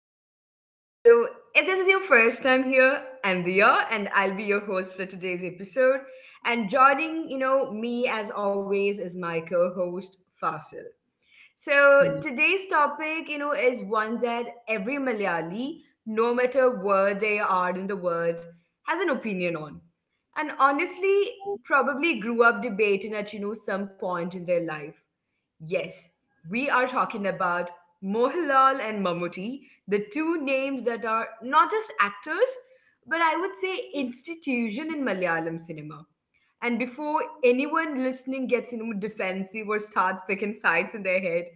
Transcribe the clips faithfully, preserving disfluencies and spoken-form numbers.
the podcast. So, if this is your first time here, I'm Dia, and I'll be your host for today's episode. And joining, you know, me as always is my co-host Fasil. So today's topic, you know, is one that every Malayali, no matter where they are in the world, has an opinion on, and honestly, probably grew up debating at you know some point in their life. Yes, we are talking about Mohanlal and Mammootty, the two names that are not just actors, but I would say institution in Malayalam cinema. And before anyone listening gets you know, defensive or starts picking sides in their head,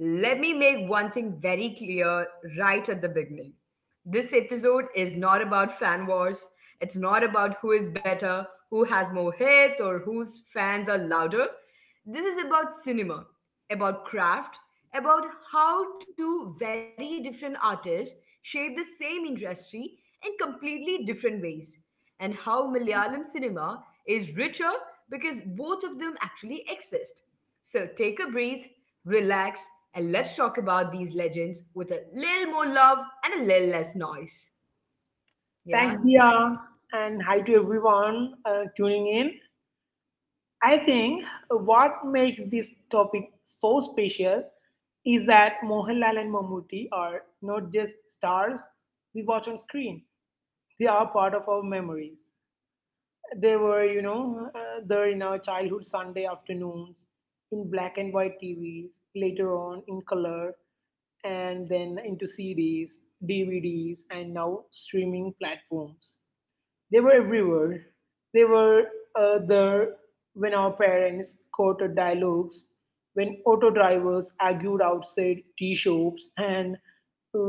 let me make one thing very clear right at the beginning. This episode is not about fan wars. It's not about who is better, who has more hits, or whose fans are louder. This is about cinema, about craft, about how two very different artists shape the same industry in completely different ways, and how Malayalam cinema is richer because both of them actually exist. So take a breath, relax, and let's talk about these legends with a little more love and a little less noise. Yeah? Thanks, Dia, and hi to everyone uh, tuning in. I think what makes this topic so special is that Mohanlal and Mammootty are not just stars we watch on screen. They are part of our memories. They were, you know, uh, there in our childhood Sunday afternoons, in black and white T Vs, later on in color, and then into C Ds, D V Ds, and now streaming platforms. They were everywhere. They were uh, there when our parents quoted dialogues, when auto drivers argued outside tea shops, and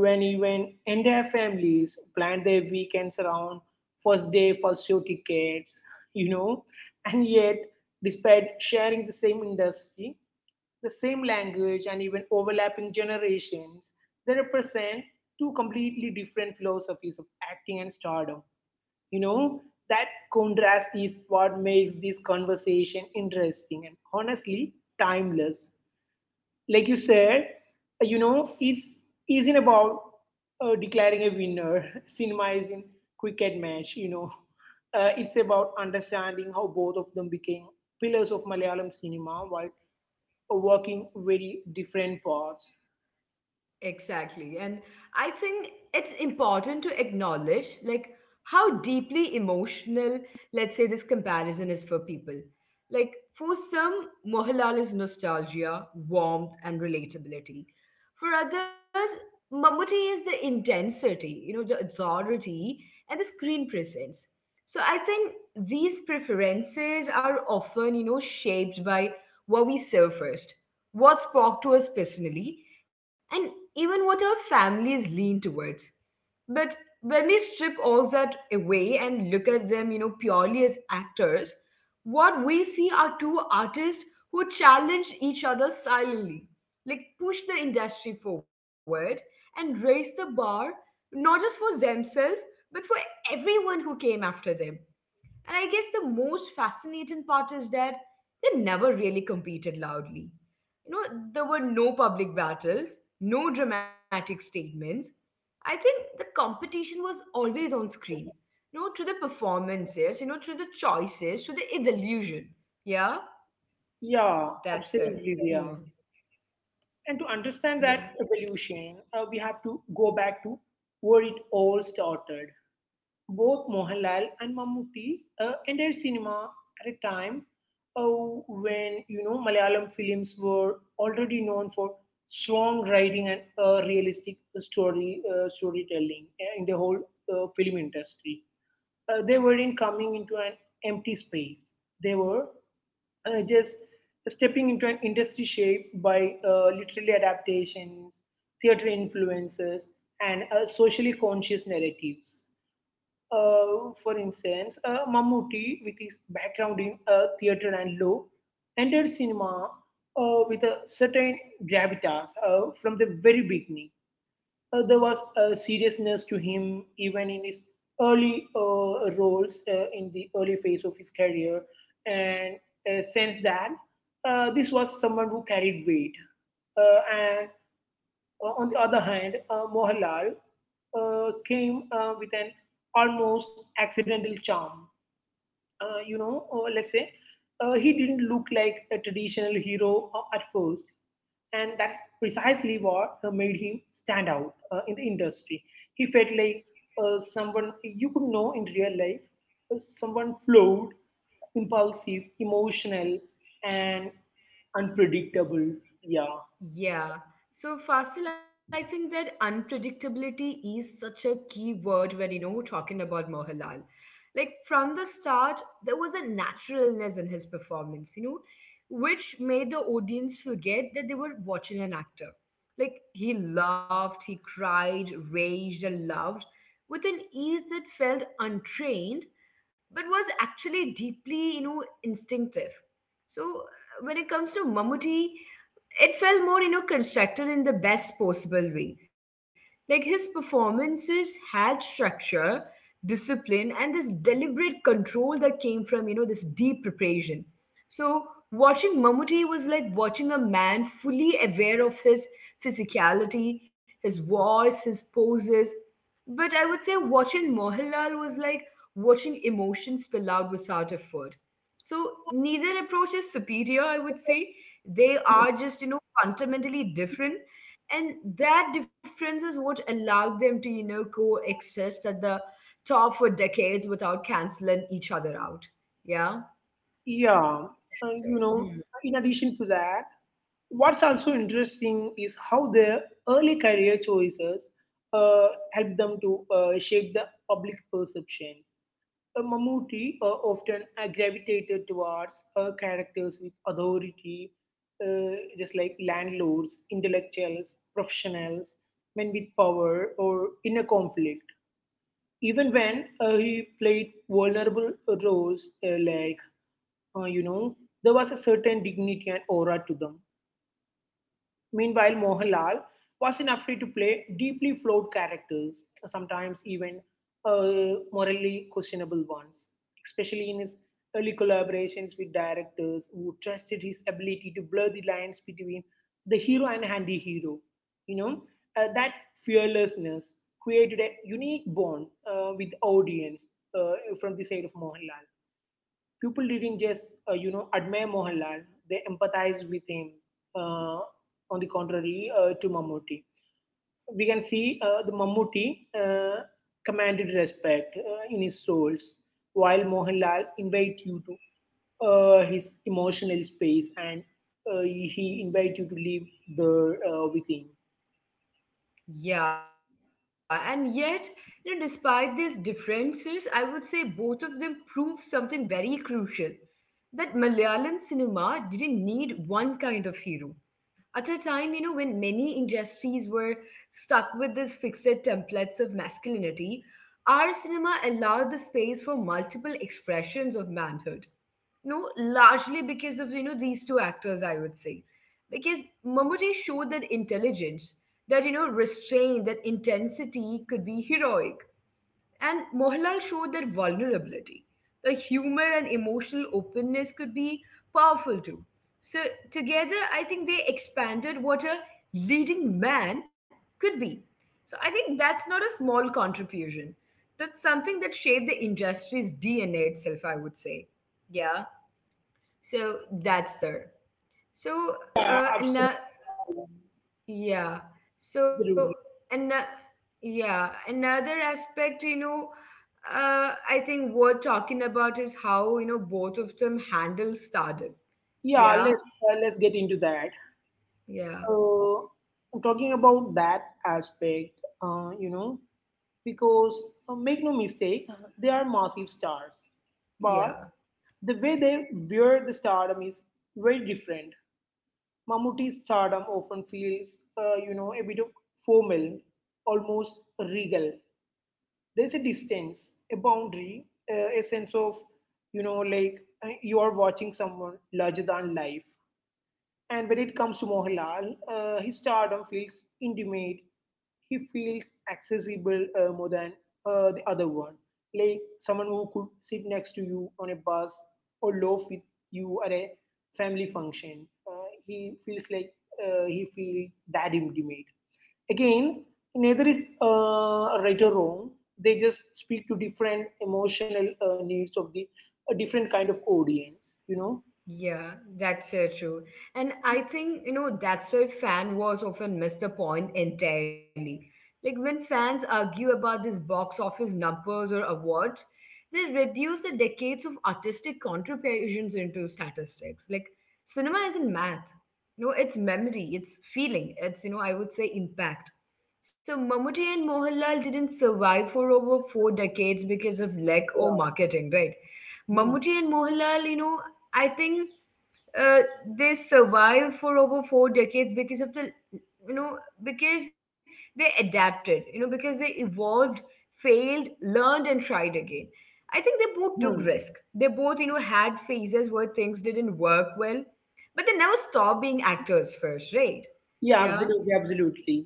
when even entire families planned their weekends around first day for show tickets, you know. And yet, despite sharing the same industry, the same language, and even overlapping generations, they represent two completely different philosophies of acting and stardom. You know, that contrast is what makes this conversation interesting and honestly timeless, like you said. You know, it's isn't about uh, declaring a winner. Cinema is in cricket match, you know. uh, it's about understanding how both of them became pillars of Malayalam cinema while working very different paths. Exactly. And I think it's important to acknowledge like how deeply emotional, let's say, this comparison is for people. Like for some, Mohanlal is nostalgia, warmth, and relatability. For others, Mammootty is the intensity, you know, the authority and the screen presence. So I think these preferences are often, you know, shaped by what we saw first, what spoke to us personally and even what our families lean towards. But when we strip all that away and look at them, you know, purely as actors, what we see are two artists who challenge each other silently, like push the industry forward and raise the bar, not just for themselves, but for everyone who came after them. And I guess the most fascinating part is that they never really competed loudly. You know, there were no public battles, no dramatic statements. I think the competition was always on screen. You know, through the performances, you know, through the choices, through the evolution. Yeah, Yeah, that's the. absolutely, yeah. Hmm. And to understand that Yeah. evolution, uh, we have to go back to where it all started. Both Mohanlal and Mammootty uh, entered cinema at a time uh, when, you know, Malayalam films were already known for strong writing and uh, realistic story uh, storytelling uh, in the whole uh, film industry. Uh, they weren't coming into an empty space. They were uh, just stepping into an industry shaped by uh, literary adaptations, theater influences, and uh, socially conscious narratives. Uh, for instance, uh, Mammootty, with his background in uh, theater and law, entered cinema uh, with a certain gravitas uh, from the very beginning. Uh, there was a seriousness to him even in his early uh, roles uh, in the early phase of his career, and a sense that uh, this was someone who carried weight. Uh, and uh, on the other hand, uh, Mohanlal uh, came uh, with an almost accidental charm. Uh, you know, uh, let's say, uh, he didn't look like a traditional hero uh, at first. And that's precisely what uh, made him stand out uh, in the industry. He felt like uh, someone you could know in real life, uh, someone flawed, impulsive, emotional, and unpredictable. Yeah. Yeah. So, Fasil, I think that unpredictability is such a key word when, you know, we're talking about Mohanlal. Like, from the start, there was a naturalness in his performance, you know, which made the audience forget that they were watching an actor. Like, he laughed, he cried, raged, and loved with an ease that felt untrained, but was actually deeply, you know, instinctive. So, uh, when it comes to Mammootty, it felt more you know constructed in the best possible way, like his performances had structure, discipline, and this deliberate control that came from you know this deep preparation. So watching Mammootty was like watching a man fully aware of his physicality, his voice, his poses, but I would say watching Mohanlal was like watching emotions spill out without effort. So neither approach is superior, I would say. They are just you know fundamentally different, and that difference is what allowed them to you know coexist at the top for decades without canceling each other out. Yeah. Yeah. Uh, you So, know, hmm. in addition to that, what's also interesting is how their early career choices uh, help them to uh, shape the public perceptions. Uh, Mammootty uh, often uh, gravitated towards uh, characters with authority, uh, just like landlords, intellectuals, professionals, men with power, or inner conflict. Even when uh, he played vulnerable roles, uh, like, uh, you know, there was a certain dignity and aura to them. Meanwhile, Mohanlal was in a free to play deeply flawed characters, sometimes even uh, morally questionable ones, especially in his early collaborations with directors who trusted his ability to blur the lines between the hero and handy hero. You know, uh, that fearlessness created a unique bond uh, with the audience uh, from the side of Mohanlal. People didn't just, uh, you know, admire Mohanlal; they empathized with him. Uh, on the contrary, uh, to Mammootty, we can see uh, the Mammootty uh, commanded respect uh, in his roles, while Mohanlal invite you to uh, his emotional space and uh, he invite you to live there uh, with him. Yeah, and yet you know despite these differences I would say both of them prove something very crucial, that Malayalam cinema didn't need one kind of hero. At a time you know when many industries were stuck with these fixed templates of masculinity, our cinema allowed the space for multiple expressions of manhood. No, largely because of you know these two actors I would say, because Mammootty showed that intelligence, that you know restraint, that intensity could be heroic, and Mohanlal showed that vulnerability, the humor and emotional openness could be powerful too. So, together, I think they expanded what a leading man could be. So, I think that's not a small contribution. That's something that shaped the industry's D N A itself, I would say. Yeah. So, that's there. So, Yeah, uh, absolutely. ano- yeah. So, Absolutely. another, yeah, another aspect, you know, uh, I think worth talking about is how you know both of them handle stardom. Yeah, Yeah, let's uh, let's get into that. yeah, uh, Talking about that aspect, uh, you know, because uh, make no mistake, they are massive stars, but yeah. the way they wear the stardom is very different. Mammootty's stardom often feels, uh, you know, a bit of formal, almost regal. There's a distance, a boundary, uh, a sense of, you know, like uh, you are watching someone larger than life. And when it comes to Mohanlal, uh, his stardom feels intimate. He feels accessible uh, more than uh, the other one. Like someone who could sit next to you on a bus or loaf with you at a family function. Uh, he feels like uh, he feels that intimate. Again, neither is uh, right or wrong. They just speak to different emotional uh, needs of the a different kind of audience. You know, Yeah, that's so true. And I think, you know, that's why fan wars often miss the point entirely. Like when fans argue about these box office numbers or awards, they reduce the decades of artistic contributions into statistics. Like cinema isn't math. You know, it's memory, it's feeling, it's, you know, I would say impact. So Mammootty and Mohanlal didn't survive for over four decades because of lack or yeah. marketing, right? Hmm. Mammootty and Mohanlal, you know, I think uh, they survived for over four decades because of the you know because they adapted you know because they evolved, failed, learned, and tried again. I think they both took Hmm. risk, they both you know had phases where things didn't work well, but they never stopped being actors first, right? Yeah, Yeah. absolutely, absolutely.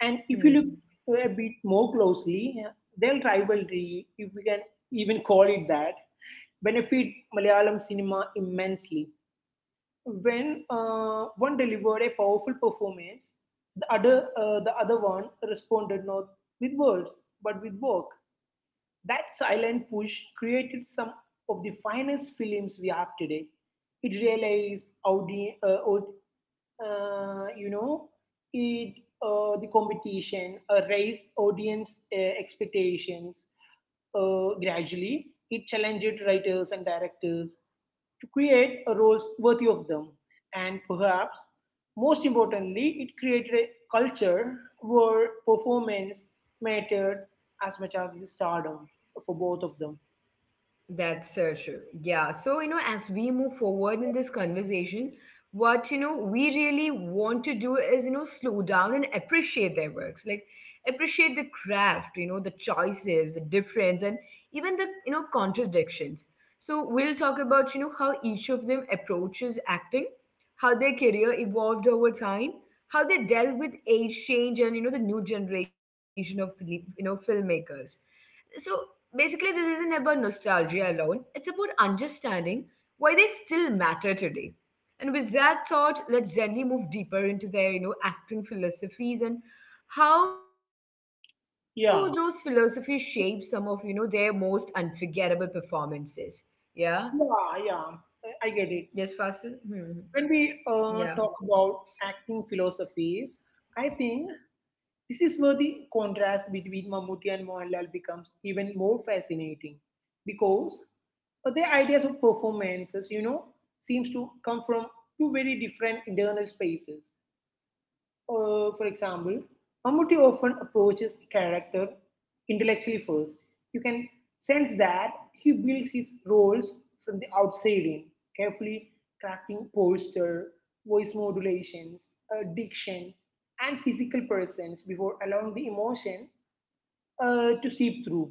And Hmm. if you look a bit more closely, their rivalry, if we can even call it that, benefit Malayalam cinema immensely. When uh, one delivered a powerful performance, the other uh, the other one responded not with words but with work. That silent push created some of the finest films we have today. It realized out uh, out, uh, you know, it uh, the competition, uh, raised audience uh, expectations. Uh, gradually, it challenged writers and directors to create a roles worthy of them, and perhaps most importantly, it created a culture where performance mattered as much as the stardom for both of them. That's so true. Yeah. So, you know, as we move forward in this conversation, what, you know, we really want to do is, you know, slow down and appreciate their works. Like, appreciate the craft, you know, the choices, the difference, and even the, you know, contradictions. So, we'll talk about, you know, how each of them approaches acting, how their career evolved over time, how they dealt with age change and, you know, the new generation of, you know, filmmakers. So basically, this isn't about nostalgia alone, it's about understanding why they still matter today. And with that thought, let's gently move deeper into their, you know, acting philosophies and how those philosophies shape Yeah, some of, you know, their most unforgettable performances. Yeah. yeah, yeah. Yes, I I Fasil. get Hmm, it. hmm. When Yeah. we uh, talk about acting philosophies, I think this is where the contrast between Mammootty and Mohanlal becomes even more fascinating because uh, their ideas of performances, you know, seems to come from two very different internal spaces. Uh, for example, Mammootty often approaches the character intellectually first. You can sense that he builds his roles from the outside in, carefully crafting posture, voice modulations, uh, diction, and physical presence before allowing the emotion uh, to seep through.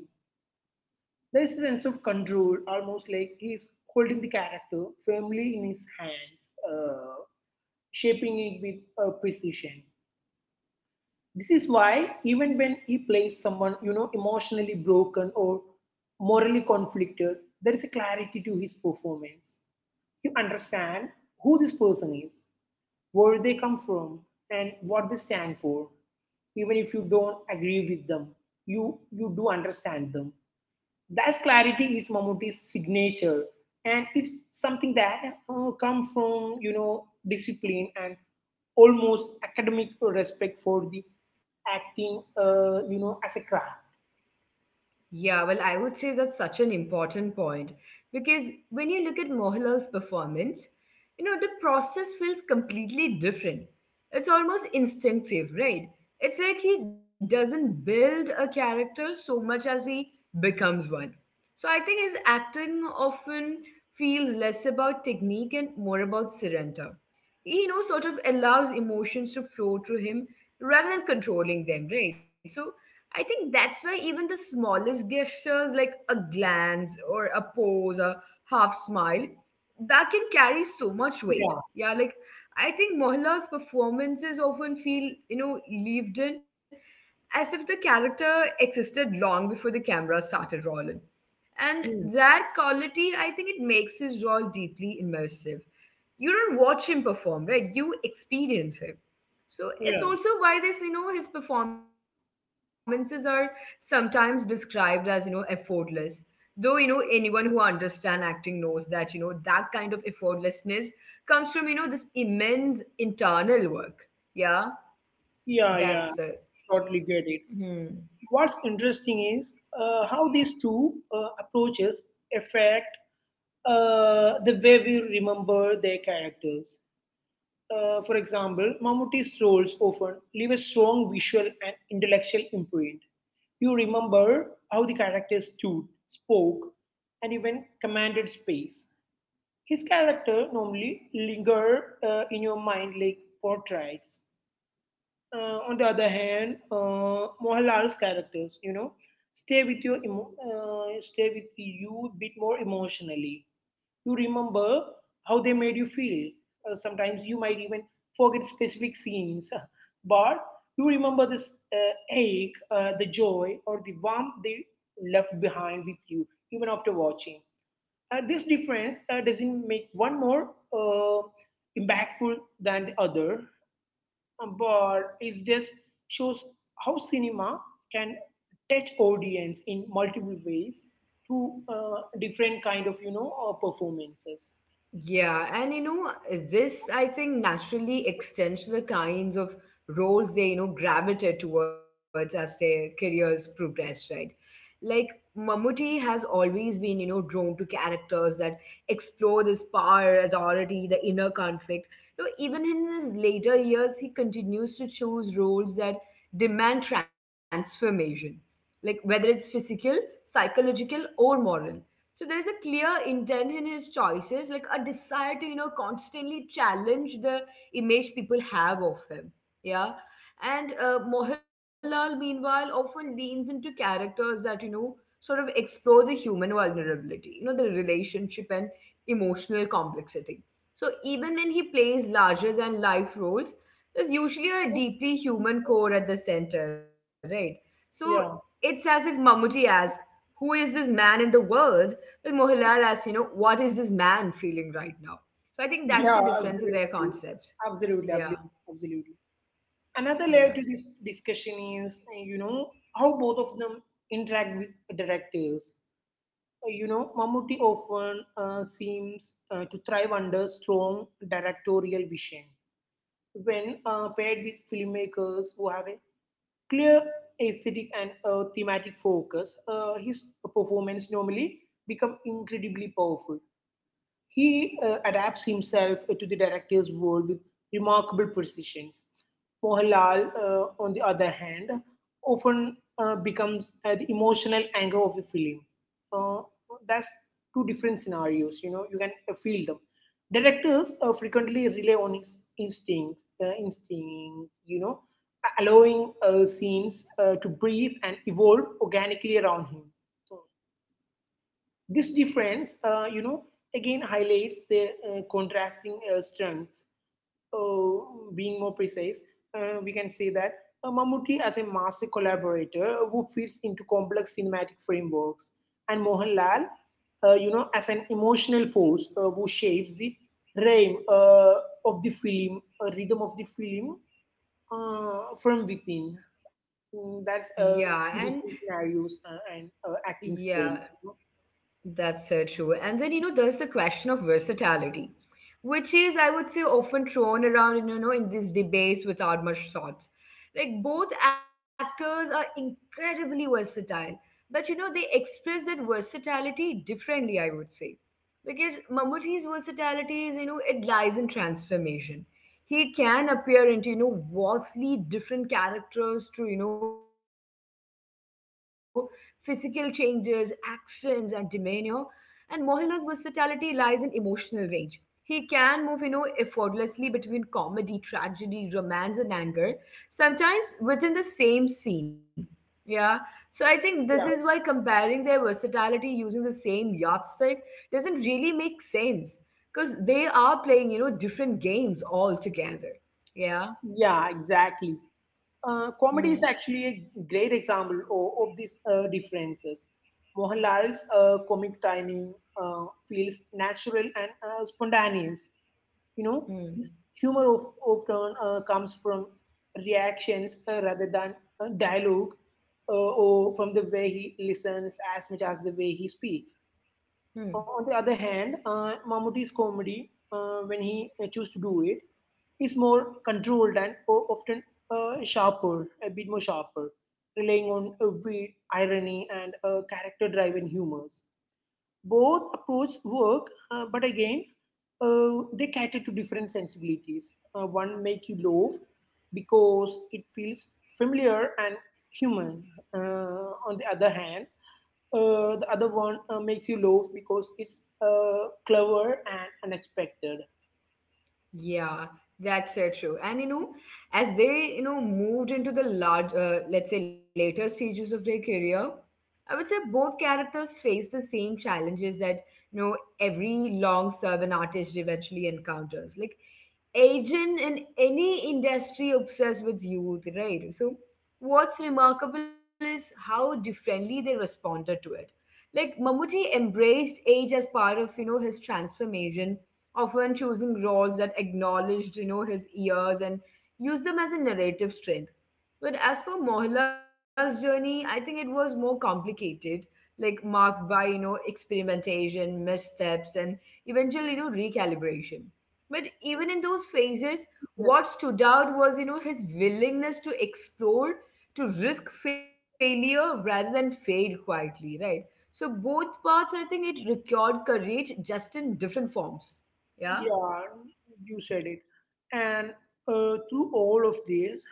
There is a sense of control, almost like he is holding the character firmly in his hands, uh, shaping it with uh, precision. This is why even when he plays someone, you know, emotionally broken or morally conflicted, there is a clarity to his performance. You understand who this person is, where they come from, and what they stand for. Even if you don't agree with them, you you do understand them. That clarity is Mammootty's signature, and it's something that uh, comes from, you know, discipline and almost academic respect for the acting, uh, you know, as a craft. Yeah, well, I would say that's such an important point because when you look at Mohilal's performance, you know, the process feels completely different. It's almost instinctive, right? It's like he doesn't build a character so much as he becomes one. So I think his acting often feels less about technique and more about surrender. He, you know, sort of allows emotions to flow through him rather than controlling them, right? So I think that's why even the smallest gestures like a glance or a pose, a half smile, that can carry so much weight. Yeah, Yeah, like I think Mohanlal's performances often feel, you know, lived in as if the character existed long before the camera started rolling. And Hmm. that quality, I think it makes his role deeply immersive. You don't watch him perform, right? You experience him. So it's yeah, also why this, you know, his performances are sometimes described as, you know, effortless. Though, you know, anyone who understands acting knows that, you know, that kind of effortlessness comes from, you know, this immense internal work. Yeah, that's yeah, it. yeah. Totally Hmm. get it. What's interesting is uh, how these two uh, approaches affect uh, the way we remember their characters. Uh, for example, Mammootty's roles often leave a strong visual and intellectual imprint. You remember how the character stood, spoke, and even commanded space. His character normally linger uh, in your mind like portraits. Uh, on the other hand, uh, Mohanlal's characters, you know, stay with your emo- uh, stay with you a bit more emotionally. You remember how they made you feel. Uh, sometimes you might even forget specific scenes, but you remember this uh, ache, uh, the joy, or the warmth they left behind with you, even after watching. Uh, this difference uh, doesn't make one more uh, impactful than the other, uh, but it just shows how cinema can touch audience in multiple ways through uh, different kind of, you know, uh, performances. Yeah, and you know, this I think naturally extends to the kinds of roles they, you know, gravitate towards as their careers progress, right? Like Mammootty has always been, you know, drawn to characters that explore this power, authority, the inner conflict. You know, even in his later years, he continues to choose roles that demand transformation, like whether it's physical, psychological, or moral. So there is a clear intent in his choices, like a desire to, you know, constantly challenge the image people have of him. Yeah. And uh, Mohanlal, meanwhile, often leans into characters that, you know, sort of explore the human vulnerability, you know, the relationship and emotional complexity. So even when he plays larger than life roles, there's usually a deeply human core at the center, right? So Yeah, it's as if Mammootty asks, who is this man in the world? Well, Mohanlal asks, you know, what is this man feeling right now? So I think that's the yeah, difference in their absolutely, concepts. absolutely, Yeah, abli- absolutely. Another layer yeah, to this discussion is, uh, you know, how both of them interact with directors. Uh, You know, Mammootty often uh, seems uh, to thrive under strong directorial vision when uh, paired with filmmakers who have a clear aesthetic and uh, thematic focus. Uh, his performance normally become incredibly powerful. He uh, adapts himself uh, to the director's world with remarkable precisions. Mohanlal, uh, on the other hand, often uh, becomes uh, the emotional anchor of the film. Uh, that's two different scenarios. You know, you can uh, feel them. Directors uh, frequently rely on his instincts, uh, instinct. You know, allowing uh, scenes uh, to breathe and evolve organically around him. So this difference, uh, you know, again highlights the uh, contrasting uh, strengths. Uh, being more precise, uh, we can say that uh, Mammootty as a master collaborator who fits into complex cinematic frameworks, and Mohanlal, uh, you know, as an emotional force uh, who shapes the rhyme uh, of the film, uh, rhythm of the film uh, from within. Mm, That's yeah, and uh, two different scenarios uh, and uh, acting yeah. styles. That's so true. And then, you know, there's the question of versatility, which is, I would say, often thrown around, you know, in these debates without much thought. Like, both actors are incredibly versatile, but, you know, they express that versatility differently, I would say. Because Mammootty's versatility is, you know, it lies in transformation. He can appear into, you know, vastly different characters through, you know, physical changes, accents, and demeanor, and Mohanlal's versatility lies in emotional range. He can move, you know, effortlessly between comedy, tragedy, romance, and anger, sometimes within the same scene. Yeah. So I think this is Yeah, why comparing their versatility using the same yardstick doesn't really make sense. Because they are playing, you know, different games altogether. Yeah. yeah, exactly. Uh, comedy is Hmm. actually a great example of, of these uh, differences. Mohanlal's uh, comic timing uh, feels natural and uh, spontaneous. You know, his Hmm. humor of, often uh, comes from reactions uh, rather than uh, dialogue uh, or from the way he listens as much as the way he speaks. On the Hmm. other hand, uh, Mammootty's comedy, uh, when he uh, chooses to do it, is more controlled and o- often uh, sharper, a bit more sharper, relying on uh, wit, irony, and uh, character-driven humors. Both approaches work, uh, but again, uh, they cater to different sensibilities. Uh, one make you laugh because it feels familiar and human. Uh, on the other hand, uh, the other one uh, makes you laugh because it's uh, clever and unexpected. Yeah, that's so true. And you know, as they you know moved into the large, uh, let's say later stages of their career, I would say both characters face the same challenges that you know every long-serving artist eventually encounters. Like agent in any industry obsessed with youth, right? So what's remarkable is how differently they responded to it. Like Mammootty embraced age as part of you know his transformation, often choosing roles that acknowledged, you know, his years and used them as a narrative strength. But as for Mohilal's journey, I think it was more complicated, like marked by, you know, experimentation, missteps, and eventual, you know, recalibration. But Yeah, even in those phases, yes, what stood out was, you know, his willingness to explore, to risk failure rather than fade quietly, right? So both parts, I think it required courage just in different forms. Yeah, yeah, you said it. And uh, through all of this,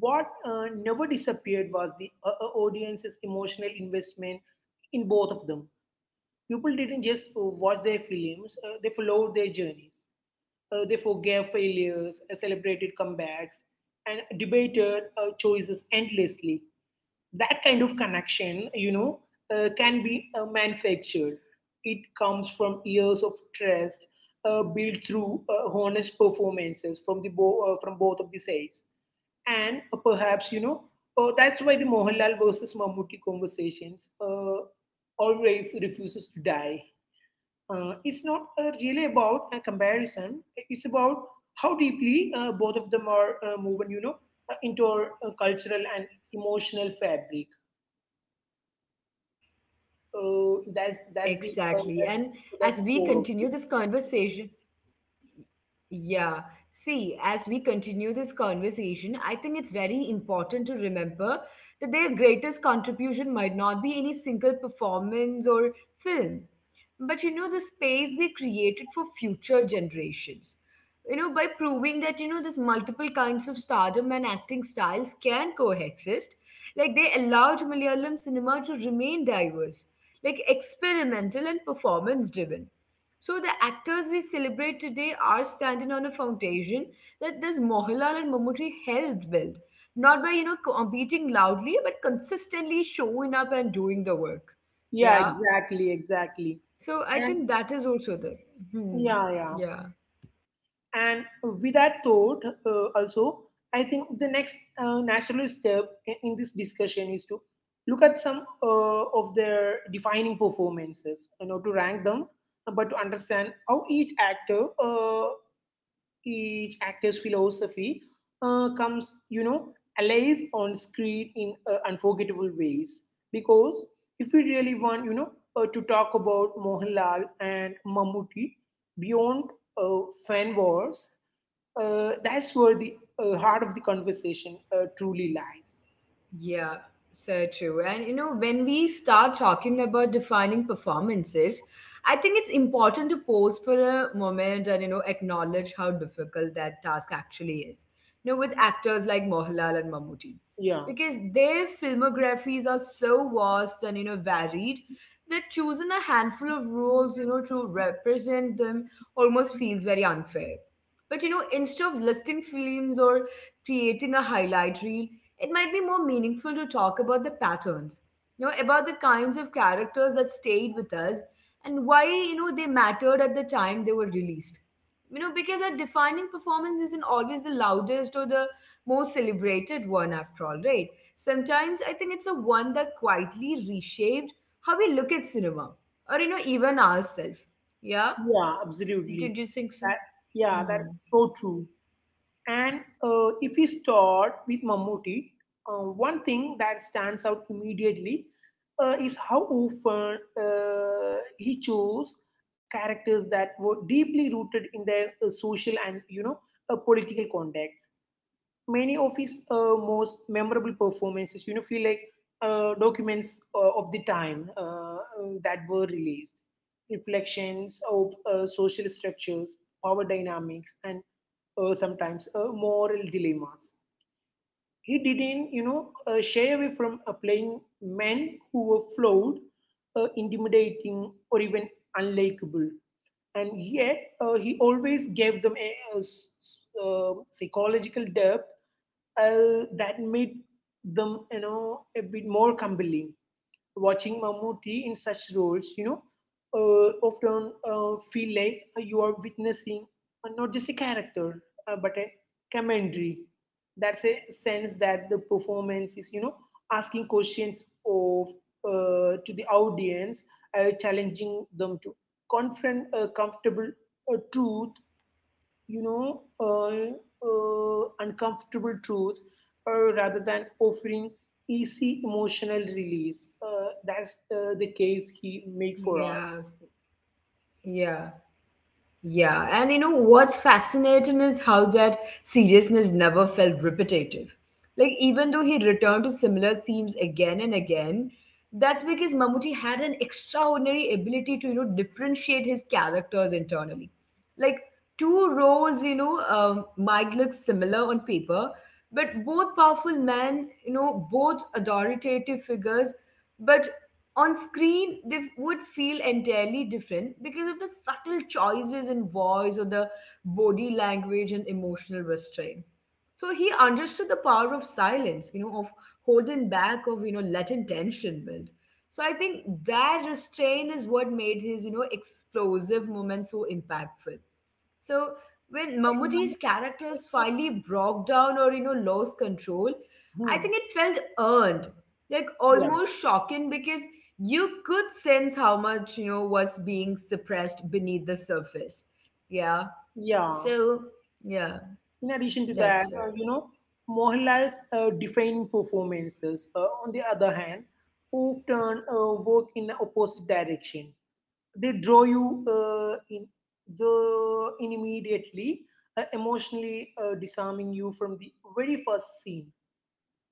what uh, never disappeared was the uh, uh, audience's emotional investment in both of them. People didn't just uh, watch their films, uh, they followed their journeys. Uh, they forgave failures, uh, celebrated comebacks, and debated uh, choices endlessly. That kind of connection, you know uh, can be uh, manufactured. It comes from years of trust, uh, built through uh, honest performances from the bo- uh, from both of the sides. And uh, perhaps, you know uh, that's why the Mohanlal versus Mammootty conversations uh, always refuses to die. Uh, it's not uh, really about a comparison, it's about how deeply uh, both of them are uh, woven, you know uh, into our uh, cultural and emotional fabric. exactly. Oh, And that's as that's we the uh, continue that's, this so that's the conversation, core of it. yeah. See, as we continue this conversation, I think it's very important to remember that their greatest contribution might not be any single performance or film, but you know, the space they created for future generations. You know, by proving that, you know, this multiple kinds of stardom and acting styles can coexist, like they allowed Malayalam cinema to remain diverse, like experimental and performance driven, so the actors we celebrate today are standing on a foundation that this Mohanlal and Mammootty helped build, not by you know competing loudly, but consistently showing up and doing the work. Yeah, Yeah. exactly, So I exactly. think that is also And, the. Hmm. Yeah. yeah, yeah. And with that thought, uh, also, I think the next uh, natural step i- in this discussion is to look at some uh, of their defining performances, you know, to rank them, but to understand how each actor uh, each actor's philosophy uh, comes, you know, alive on screen in uh, unforgettable ways. Because if we really want, you know, uh, to talk about Mohanlal and Mammootty beyond uh, fan wars, uh, that's where the uh, heart of the conversation uh, truly lies. Yeah, so true. And you know, when we start talking about defining performances, I think it's important to pause for a moment and you know acknowledge how difficult that task actually is. You know, with actors like Mohanlal and Mammootty, Yeah, because their filmographies are so vast and you know varied that choosing a handful of roles you know to represent them almost feels very unfair. But you know, instead of listing films or creating a highlight reel, it might be more meaningful to talk about the patterns, you know, about the kinds of characters that stayed with us and why, you know, they mattered at the time they were released. You know, because a defining performance isn't always the loudest or the most celebrated one after all, right? Sometimes I think it's the one that quietly reshaped how we look at cinema or, you know, even ourselves. Yeah? yeah, absolutely. Did you think That, so? yeah, that's Hmm. so true. And uh, if we start with Mammootty, uh, one thing that stands out immediately uh, is how often uh, he chose characters that were deeply rooted in their uh, social and, you know uh, political context. Many of his uh, most memorable performances, you know, feel like uh, documents uh, of the time, uh, uh, that were released, reflections of uh, social structures, power dynamics, and uh, sometimes uh, moral dilemmas. He didn't, you know, uh, shy away from uh, playing men who were flawed, uh, intimidating, or even unlikable. And yet, uh, he always gave them a, a s- s- uh, psychological depth uh, that made them, you know, a bit more compelling. Watching Mammootty in such roles, you know uh, often uh, feel like uh, you are witnessing uh, not just a character, uh, but a commentary. That's a sense that the performance is, you know asking questions of uh, to the audience, uh, challenging them to confront uh, comfortable uh, truth you know, uh, uh, uncomfortable truth, uh, rather than offering easy emotional release. Uh, that's uh, the Yes. case he made for us. Yeah. Yeah, and you know what's fascinating is how that seriousness never felt repetitive. Like, even though he returned to similar themes again and again, that's because Mammootty had an extraordinary ability to, you know, differentiate his characters internally. Like, two roles, you know, um, might look similar on paper, but both powerful men, you know, both authoritative figures, but on screen they would feel entirely different because of the subtle choices in voice or the body language and emotional restraint. So he understood the power of silence, you know of holding back, of you know letting tension build. So I think that restraint is what made his you know explosive moment so impactful. So when Mammootty's characters finally broke down or you know lost control, I Hmm. think it felt earned, like Yeah, almost shocking because you could sense how much you know was being suppressed beneath the surface. Yeah. yeah. So yeah, In addition to that, that's uh, it. you know, Mohanlal's uh, defining performances, uh, on the other hand, often uh, work in the opposite direction. They draw you uh, in the in immediately, uh, emotionally uh, disarming you from the very first scene.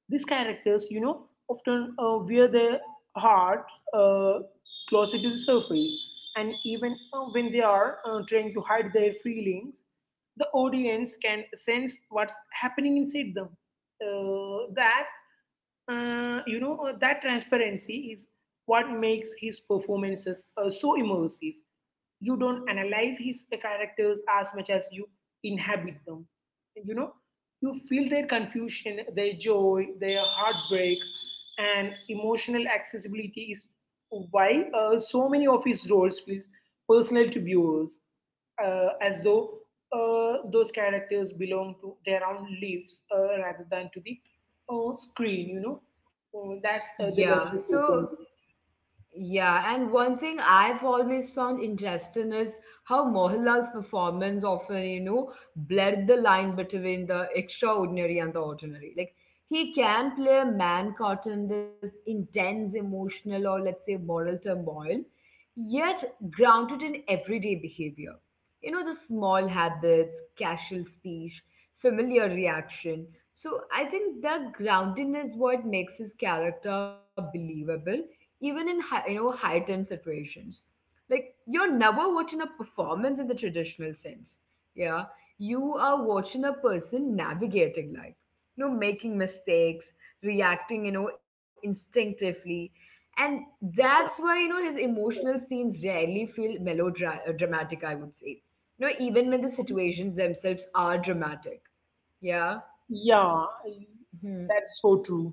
These characters, you know, often uh, wear their heart uh, closer to the surface, and even uh, when they are uh, trying to hide their feelings, the audience can sense what's happening inside them. Uh, that uh, you know uh, That transparency is what makes his performances uh, so immersive. You don't analyze his characters as much as you inhabit them, you know. You feel their confusion, their joy, their heartbreak, and emotional accessibility is why uh, so many of his roles feels personal to viewers, uh, as though uh, those characters belong to their own lives uh, rather than to the uh, screen. You know, Uh, that's uh, the Yeah. level of So performance. yeah, and one thing I've always found interesting is how Mohanlal's performance often, you know, blurred the line between the extraordinary and the ordinary. Like, he can play a man caught in this intense emotional or, let's say, moral turmoil, yet grounded in everyday behavior. You know, the small habits, casual speech, familiar reaction. So, I think that grounding is what makes his character believable even in high, you know heightened situations. Like you're never watching a performance in the traditional sense, yeah, you are watching a person navigating life, you know making mistakes, reacting you know instinctively. And that's why you know his emotional scenes rarely feel melodramatic, I would say. You know even when the situations themselves are dramatic, yeah. Yeah, Hmm. that's so true.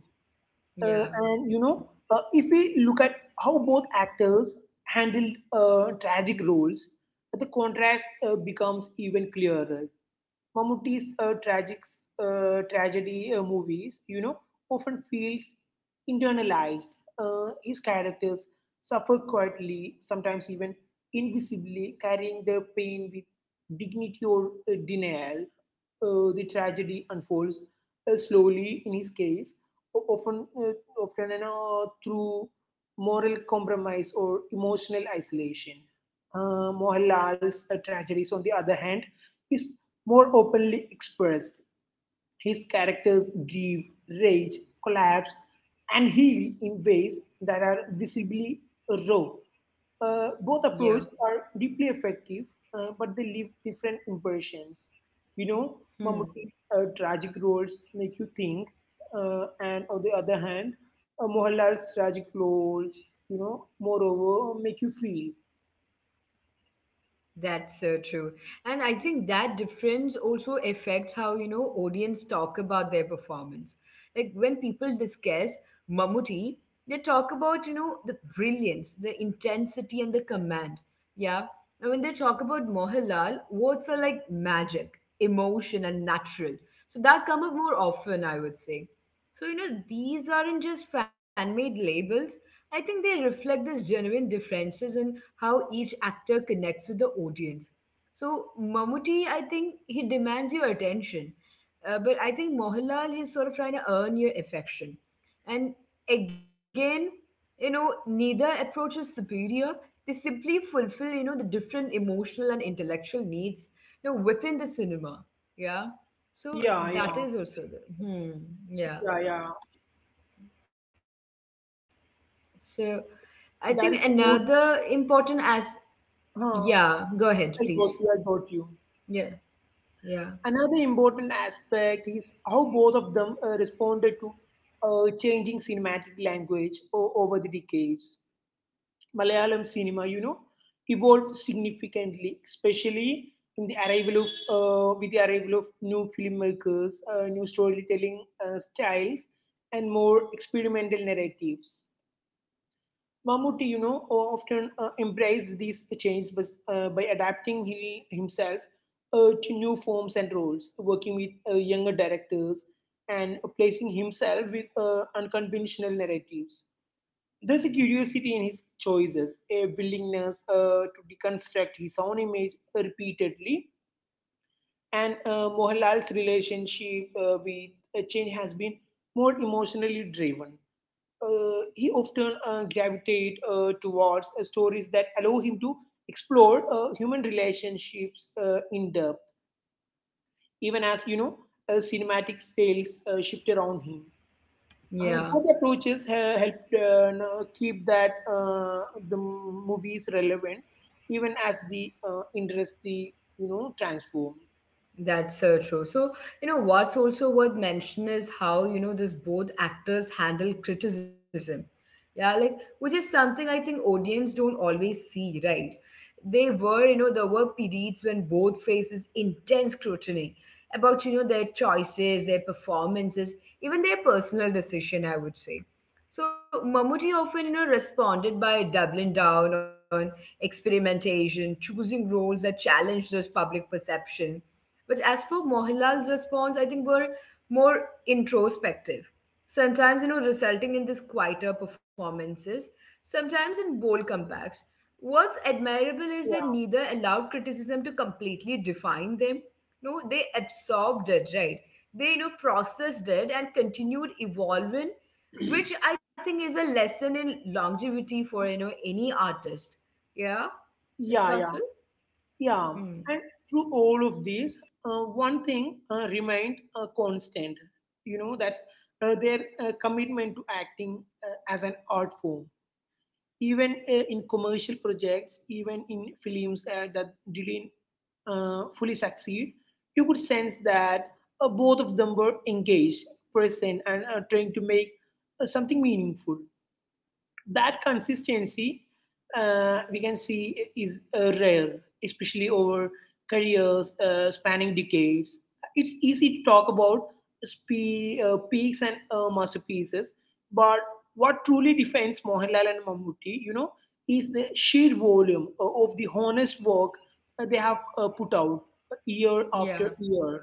Uh, and Yeah, you know, uh, if we look at how both actors handled uh, tragic roles, the contrast uh, becomes even clearer. Mammootty's uh, tragic uh, tragedy uh, movies, you know, often feels internalized. Uh, his characters suffer quietly, sometimes even invisibly, carrying their pain with dignity or uh, denial. Uh, the tragedy unfolds uh, slowly in his case, o- often, uh, often, you know, through moral compromise or emotional isolation. Uh, Mohanlal's uh, tragedies, on the other hand, is more openly expressed. His characters grieve, rage, collapse, and heal in ways that are visibly raw. Uh, both approaches yeah. are deeply effective, uh, but they leave different impressions. You know, Mammootty's Hmm. uh, tragic roles make you think, uh, and on the other hand, uh, Mohanlal's tragic roles, you know, moreover, make you feel. That's so true. And I think that difference also affects how, you know, audience talk about their performance. Like when people discuss Mammootty, they talk about, you know, the brilliance, the intensity, and the command. Yeah. And when they talk about Mohanlal, words are like magic, emotion, and natural. So that come up more often, I would say. So, you know, these aren't just fan made labels, I think they reflect these genuine differences in how each actor connects with the audience. So Mammootty, I think he demands your attention, uh, but I think Mohanlal he's sort of trying to earn your affection. And again, you know, neither approach is superior. They simply fulfill, you know, the different emotional and intellectual needs, you know, within the cinema. Yeah. So Yeah, that yeah, is also the hmm. Yeah. yeah, yeah. So I think another That is important so true. as yeah, go Huh, ahead, please. I got you. I got Yeah, you. yeah, Another important aspect is how both of them uh, responded to uh, changing cinematic language o- over the decades. Malayalam cinema, you know, evolved significantly, especially in the arrival of uh, with the arrival of new filmmakers, uh, new storytelling uh, styles, and more experimental narratives. Mammootty, you know, o- often uh, embraced these changes bus- uh, by adapting he, himself uh, to new forms and roles, working with uh, younger directors and placing himself with uh, unconventional narratives. There's a curiosity in his choices, a willingness uh, to deconstruct his own image repeatedly. And uh, Mohanlal's relationship uh, with uh, change has been more emotionally driven. Uh, he often uh, gravitate uh, towards uh, stories that allow him to explore uh, human relationships uh, in depth, even as, you know uh, cinematic styles uh, shift around him. Uh, yeah. Both approaches have helped, uh, you know, keep that uh, the movies relevant, even as the uh, industry, you know, transformed. That's so true. So, you know, what's also worth mention is how, you know, this both actors handle criticism. Yeah, like which is something I think audience don't always see, right? They were, you know, there were periods when both faces intense scrutiny about, you know, their choices, their performances, even their personal decision, I would say. So Mammootty often, you know, responded by doubling down on experimentation, choosing roles that challenge those public perception, but as for Mohanlal's response, I think were more introspective, sometimes you know resulting in these quieter performances, sometimes in bold comebacks. What's admirable is that Yeah, neither allowed criticism to completely define them. No, they absorbed it, right? They you know processed it and continued evolving, which I think is a lesson in longevity for you know any artist. Yeah, Miss yeah, yeah. Fasil. Yeah, Hmm. and through all of this, uh, one thing uh, remained uh, constant. You know, that's uh, their uh, commitment to acting uh, as an art form. Even uh, in commercial projects, even in films uh, that didn't uh, fully succeed, you could sense that uh, both of them were engaged, present, and uh, trying to make uh, something meaningful. That consistency, uh, we can see, is uh, rare, especially over careers uh, spanning decades. It's easy to talk about spe- uh, peaks and uh, masterpieces, but what truly defines Mohanlal and Mammootty, you know, is the sheer volume uh, of the honest work uh, they have uh, put out year Yeah. after year.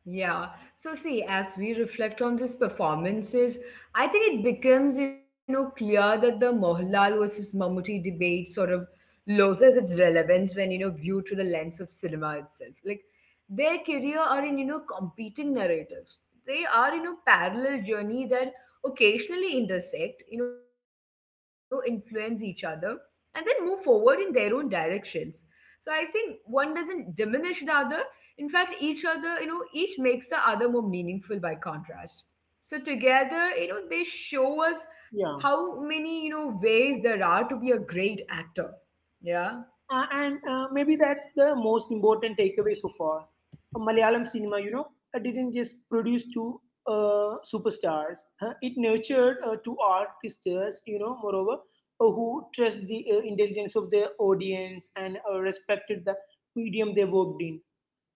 Yeah. So see, as we reflect on these performances, I think it becomes, you know, clear that the Mohanlal versus Mammootty debate sort of loses its relevance when, you know, viewed through the lens of cinema itself. Like their career are in, you know, competing narratives. They are, you know, parallel journey that occasionally intersect, you know, influence each other and then move forward in their own directions. So I think one doesn't diminish the other, in fact each other, you know each makes the other more meaningful by contrast. So together, you know they show us how Yeah. many you know ways there are to be a great actor, yeah. Uh, and uh, maybe that's the most important takeaway so far. Uh, Malayalam cinema, you know, uh, didn't just produce two uh, superstars. Uh, it nurtured uh, two artists, you know, moreover, uh, who trust the uh, intelligence of their audience and uh, respected the medium they worked in.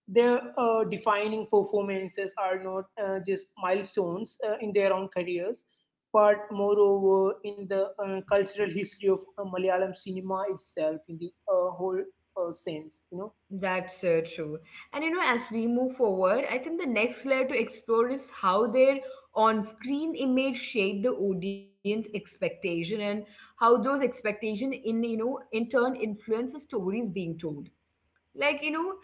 Their uh, defining performances are not uh, just milestones uh, in their own careers, but moreover in the uh, cultural history of uh, Malayalam cinema itself, in the uh, whole uh, sense, you know. That's uh, true. And you know as we move forward, I think the next layer to explore is how their on-screen image shape the audience expectation and how those expectation in, you know in turn influence the stories being told. Like you know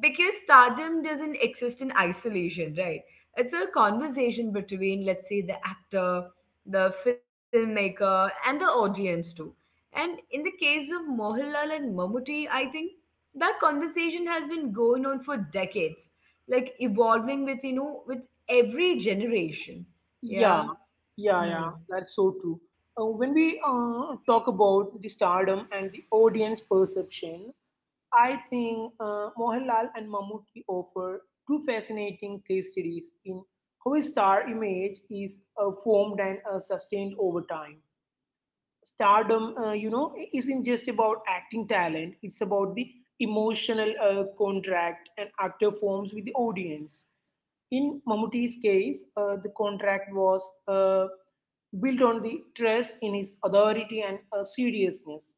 because stardom doesn't exist in isolation, right? It's a conversation between, let's say, the actor, the filmmaker and the audience too. And in the case of Mohanlal and Mammootty, I think that conversation has been going on for decades, like evolving with, you know with every generation, Yeah, yeah. yeah, Hmm. yeah, that's so true. Uh, when we uh, talk about the stardom and the audience perception, I think uh, Mohanlal and Mammootty offer two fascinating case studies in how a star image is uh, formed and uh, sustained over time. Stardom, uh, you know, isn't just about acting talent, it's about the emotional uh, contract an actor forms with the audience. In Mammootty's case, uh, the contract was uh, built on the trust in his authority and uh, seriousness.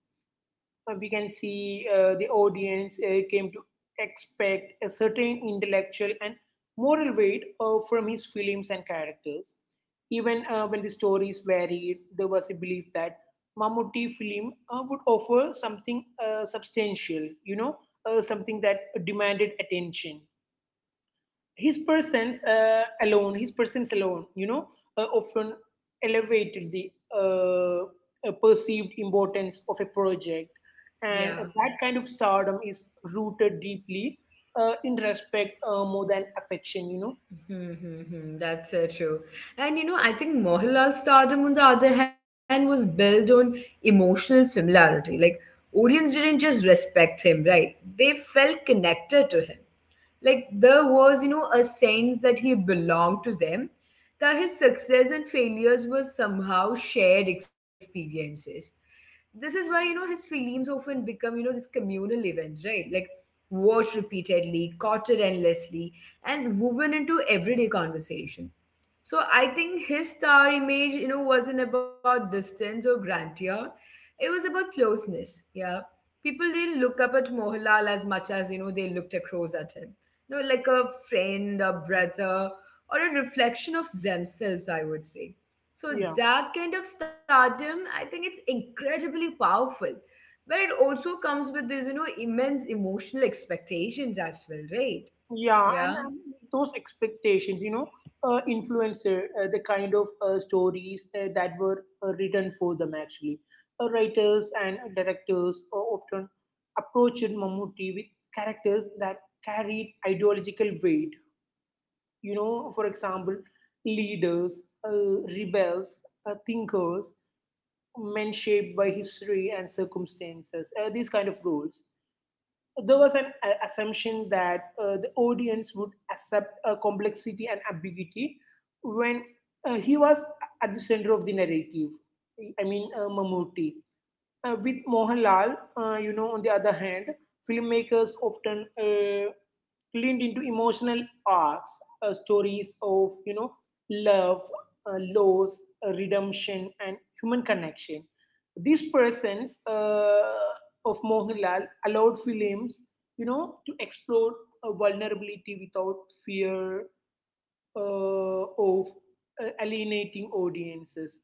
uh, We can see uh, the audience uh, came to expect a certain intellectual and moral weight uh, from his films and characters. Even uh, when the stories varied, there was a belief that Mammootty film uh, would offer something uh, substantial, you know, uh, something that demanded attention. His persons uh, alone, his persons alone, you know, uh, often elevated the uh, uh, perceived importance of a project. And Yeah. that kind of stardom is rooted deeply uh, in respect, uh, more than affection, you know. Hmm, hmm, hmm. That's uh, true. And you know, I think Mohanlal's stardom, on the other hand, was built on emotional familiarity. Like, audience didn't just respect him, right? They felt connected to him. Like there was, you know, a sense that he belonged to them, that his success and failures were somehow shared experiences. This is why, you know, his films often become, you know, these communal events, right? Like watched repeatedly, quoted endlessly, and woven into everyday conversation. So I think his star image, you know, wasn't about distance or grandeur. It was about closeness. Yeah. People didn't look up at Mohanlal as much as, you know, they looked across at him. You know, like a friend, a brother, or a reflection of themselves, I would say. So Yeah. that kind of stardom, I think it's incredibly powerful. But it also comes with this, you know, immense emotional expectations as well, right? Yeah, and, Yeah. and those expectations, you know, uh, influencer, uh, uh, the kind of uh, stories uh, that were uh, written for them, actually. Uh, writers and directors uh, often approached Mammootty with characters that carried ideological weight. You know, for example, leaders, uh, rebels, uh, thinkers, men shaped by history and circumstances, uh, these kind of roles. There was an uh, assumption that uh, the audience would accept uh, complexity and ambiguity when uh, he was at the center of the narrative. I mean, uh, Mammootty. Uh, with Mohanlal, uh, you know, on the other hand, filmmakers often uh, leaned into emotional arcs, uh, stories of, you know, love, uh, loss, uh, redemption, and human connection. These persons uh, of Mohanlal allowed films, you know, to explore uh, vulnerability without fear uh, of uh, alienating audiences.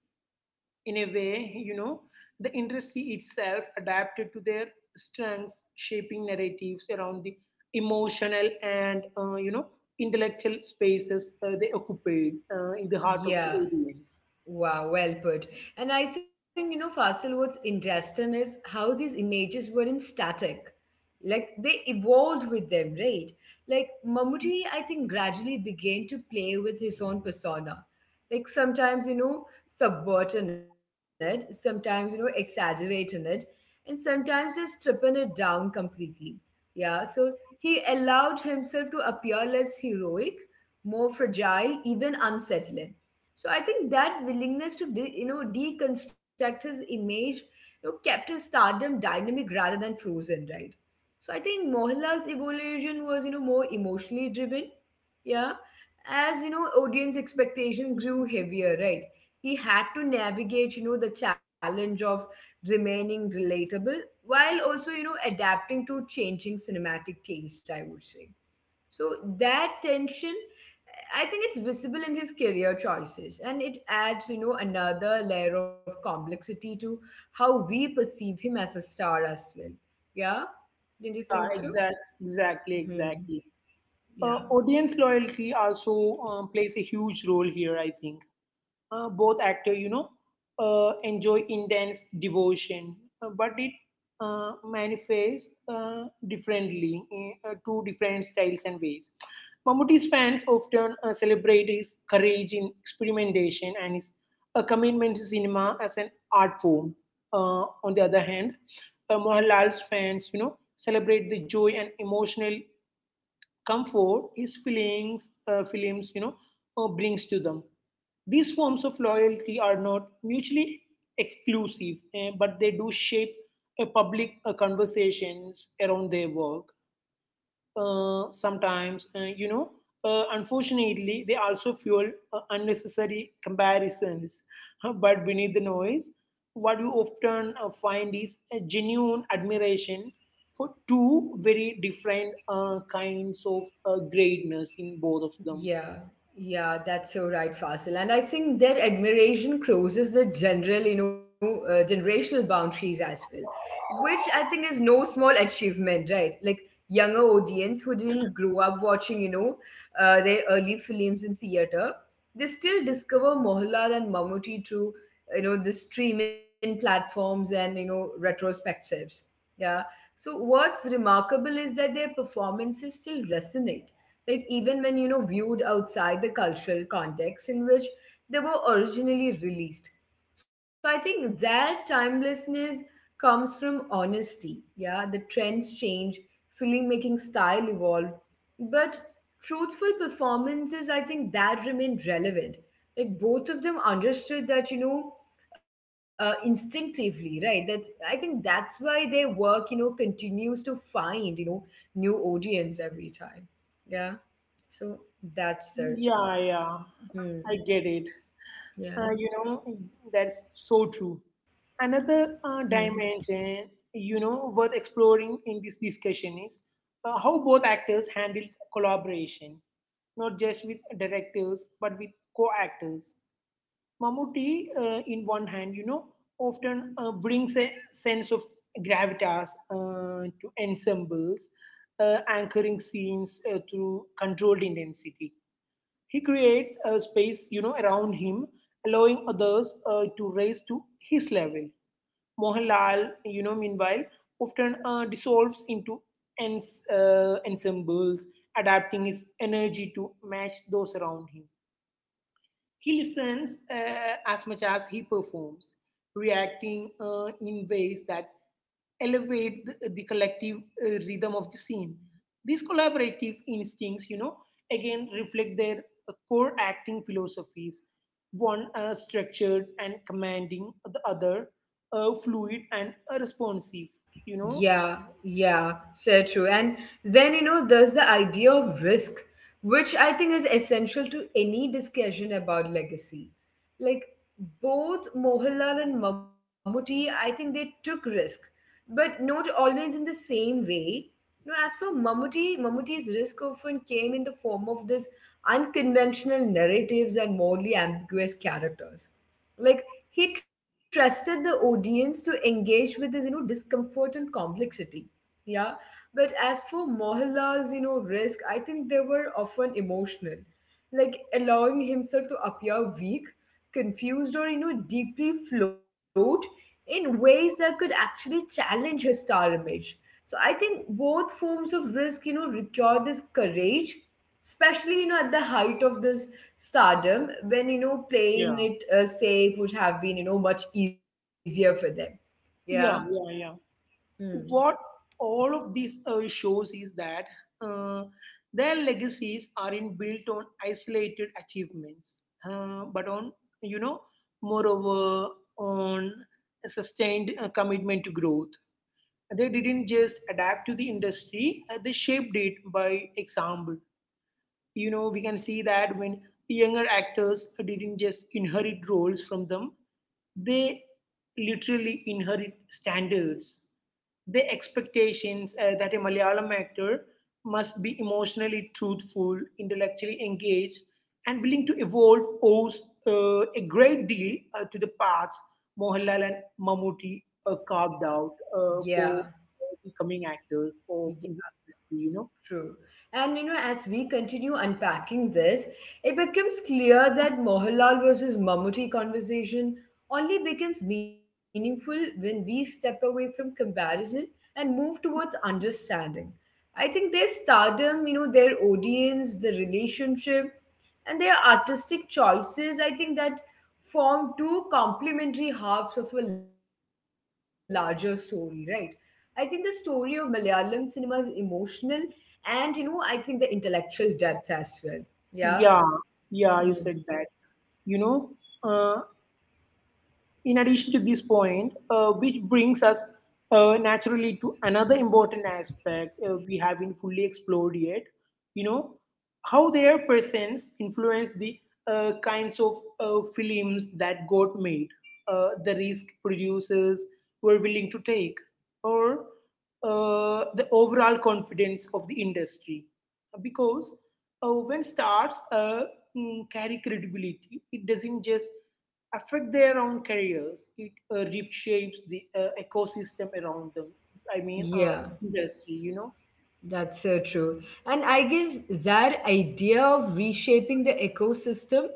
In a way, you know, the industry itself adapted to their strengths, shaping narratives around the emotional and, uh, you know, intellectual spaces uh, they occupied uh, in the heart of the Yeah. audience. Wow, well put. And I think, you know, Fasil, what's interesting is how these images weren't static. Like they evolved with them, right? Like Mammootty, I think, gradually began to play with his own persona. Like sometimes, you know, subverting it, sometimes, you know, exaggerating it, and sometimes just stripping it down completely. Yeah, so he allowed himself to appear less heroic, more fragile, even unsettling. So I think that willingness to de- you know deconstruct his image, you know, kept his stardom dynamic rather than frozen, right? So I think Mohanlal's evolution was you know more emotionally driven, yeah. As you know, audience expectation grew heavier, right? He had to navigate you know the challenge of remaining relatable while also you know adapting to changing cinematic taste, I would say. So that tension, I think it's visible in his career choices and it adds, you know, another layer of complexity to how we perceive him as a star as well. Yeah? Didn't you Yeah, think so? exact, exactly, Hmm. exactly. Yeah. Uh, audience loyalty also um, plays a huge role here, I think. Uh, both actor, you know, uh, enjoy intense devotion, uh, but it uh, manifests uh, differently in uh, two different styles and ways. Mammootty's fans often uh, celebrate his courage in experimentation and his uh, commitment to cinema as an art form. Uh, on the other hand, uh, Mohanlal's fans, you know, celebrate the joy and emotional comfort his feelings, uh, films, you know, uh, brings to them. These forms of loyalty are not mutually exclusive, eh, but they do shape a public uh, conversations around their work uh, sometimes, uh, you know. Uh, unfortunately, they also fuel uh, unnecessary comparisons. But beneath the noise, what you often uh, find is a genuine admiration for two very different uh, kinds of uh, greatness in both of them. Yeah, yeah, that's so right, Fasil. And I think that admiration crosses the general, you know, uh, generational boundaries as well, which I think is no small achievement, right? Like younger audience who didn't grow up watching, you know, uh, their early films in theater, they still discover Mohanlal and Mammootty through, you know, the streaming platforms and you know retrospectives. Yeah. So what's remarkable is that their performances still resonate like even when you know viewed outside the cultural context in which they were originally released. So I think that timelessness comes from honesty. Yeah, the trends change, filmmaking style evolved, but truthful performances, I think, that remain relevant. Like both of them understood that you know uh, instinctively, right? That I think that's why their work you know continues to find you know new audience every time. Yeah. So that's the. Yeah, yeah, I Hmm. get it. Yeah. Uh, you know, that's so true. Another Hmm. uh, dimension, you know, worth exploring in this discussion is uh, how both actors handle collaboration, not just with directors, but with co actors. Mammootty, uh, in one hand, you know, often uh, brings a sense of gravitas uh, to ensembles, uh, anchoring scenes uh, through controlled intensity. He creates a space, you know, around him, allowing others uh, to rise to his level. Mohanlal, you know, meanwhile, often uh, dissolves into ens- uh, ensembles, adapting his energy to match those around him. He listens uh, as much as he performs, reacting uh, in ways that elevate the, the collective uh, rhythm of the scene. These collaborative instincts, you know, again reflect their uh, core acting philosophies: one uh, structured and commanding, the other uh, fluid and uh, responsive, you know. Yeah, yeah, so true. And then you know, there's the idea of risk, which I think is essential to any discussion about legacy. Like both Mohanlal and Mammootty, I think they took risk, but not always in the same way. You know, as for Mammootty, Mammootty's risk often came in the form of this unconventional narratives and morally ambiguous characters. Like he trusted the audience to engage with this you know discomfort and complexity. Yeah. But as for Mohanlal's you know risk, I think they were often emotional, like allowing himself to appear weak, confused, or you know, deeply flawed in ways that could actually challenge his star image. So I think both forms of risk, you know, require this courage, especially you know, at the height of this stardom, when you know playing Yeah. it uh, safe would have been you know much easier for them. Yeah. Yeah, yeah, yeah. Hmm. What all of this uh, shows is that uh, their legacies aren't built on isolated achievements, uh, but on, you know, moreover, on a sustained uh, commitment to growth. They didn't just adapt to the industry, uh, they shaped it by example. You know, we can see that when younger actors didn't just inherit roles from them, they literally inherit standards. The expectations uh, that a Malayalam actor must be emotionally truthful, intellectually engaged, and willing to evolve owes uh, a great deal uh, to the paths Mohanlal and Mammootty uh, carved out uh, for Yeah. becoming actors of Indian industry. You know, True. And you know, as we continue unpacking this, it becomes clear that Mohanlal versus Mammootty conversation only becomes meaningful when we step away from comparison and move towards understanding. I think their stardom, you know, their audience, the relationship, and their artistic choices, I think that form two complementary halves of a larger story, right? I think the story of Malayalam cinema is emotional and you know, I think the intellectual depth as well. Yeah. yeah, yeah, you Mhm. said that. you know uh, in addition to this point uh, which brings us uh, naturally to another important aspect uh, we haven't fully explored yet, you know, how their presence influenced the uh, kinds of uh, films that got made, uh, the risk producers were willing to take, or uh, the overall confidence of the industry, because uh, when stars uh, mm, carry credibility, it doesn't just affect their own careers. It uh, reshapes the uh, ecosystem around them. I mean, uh, Yeah. Industry, you know? That's so true. And I guess that idea of reshaping the ecosystem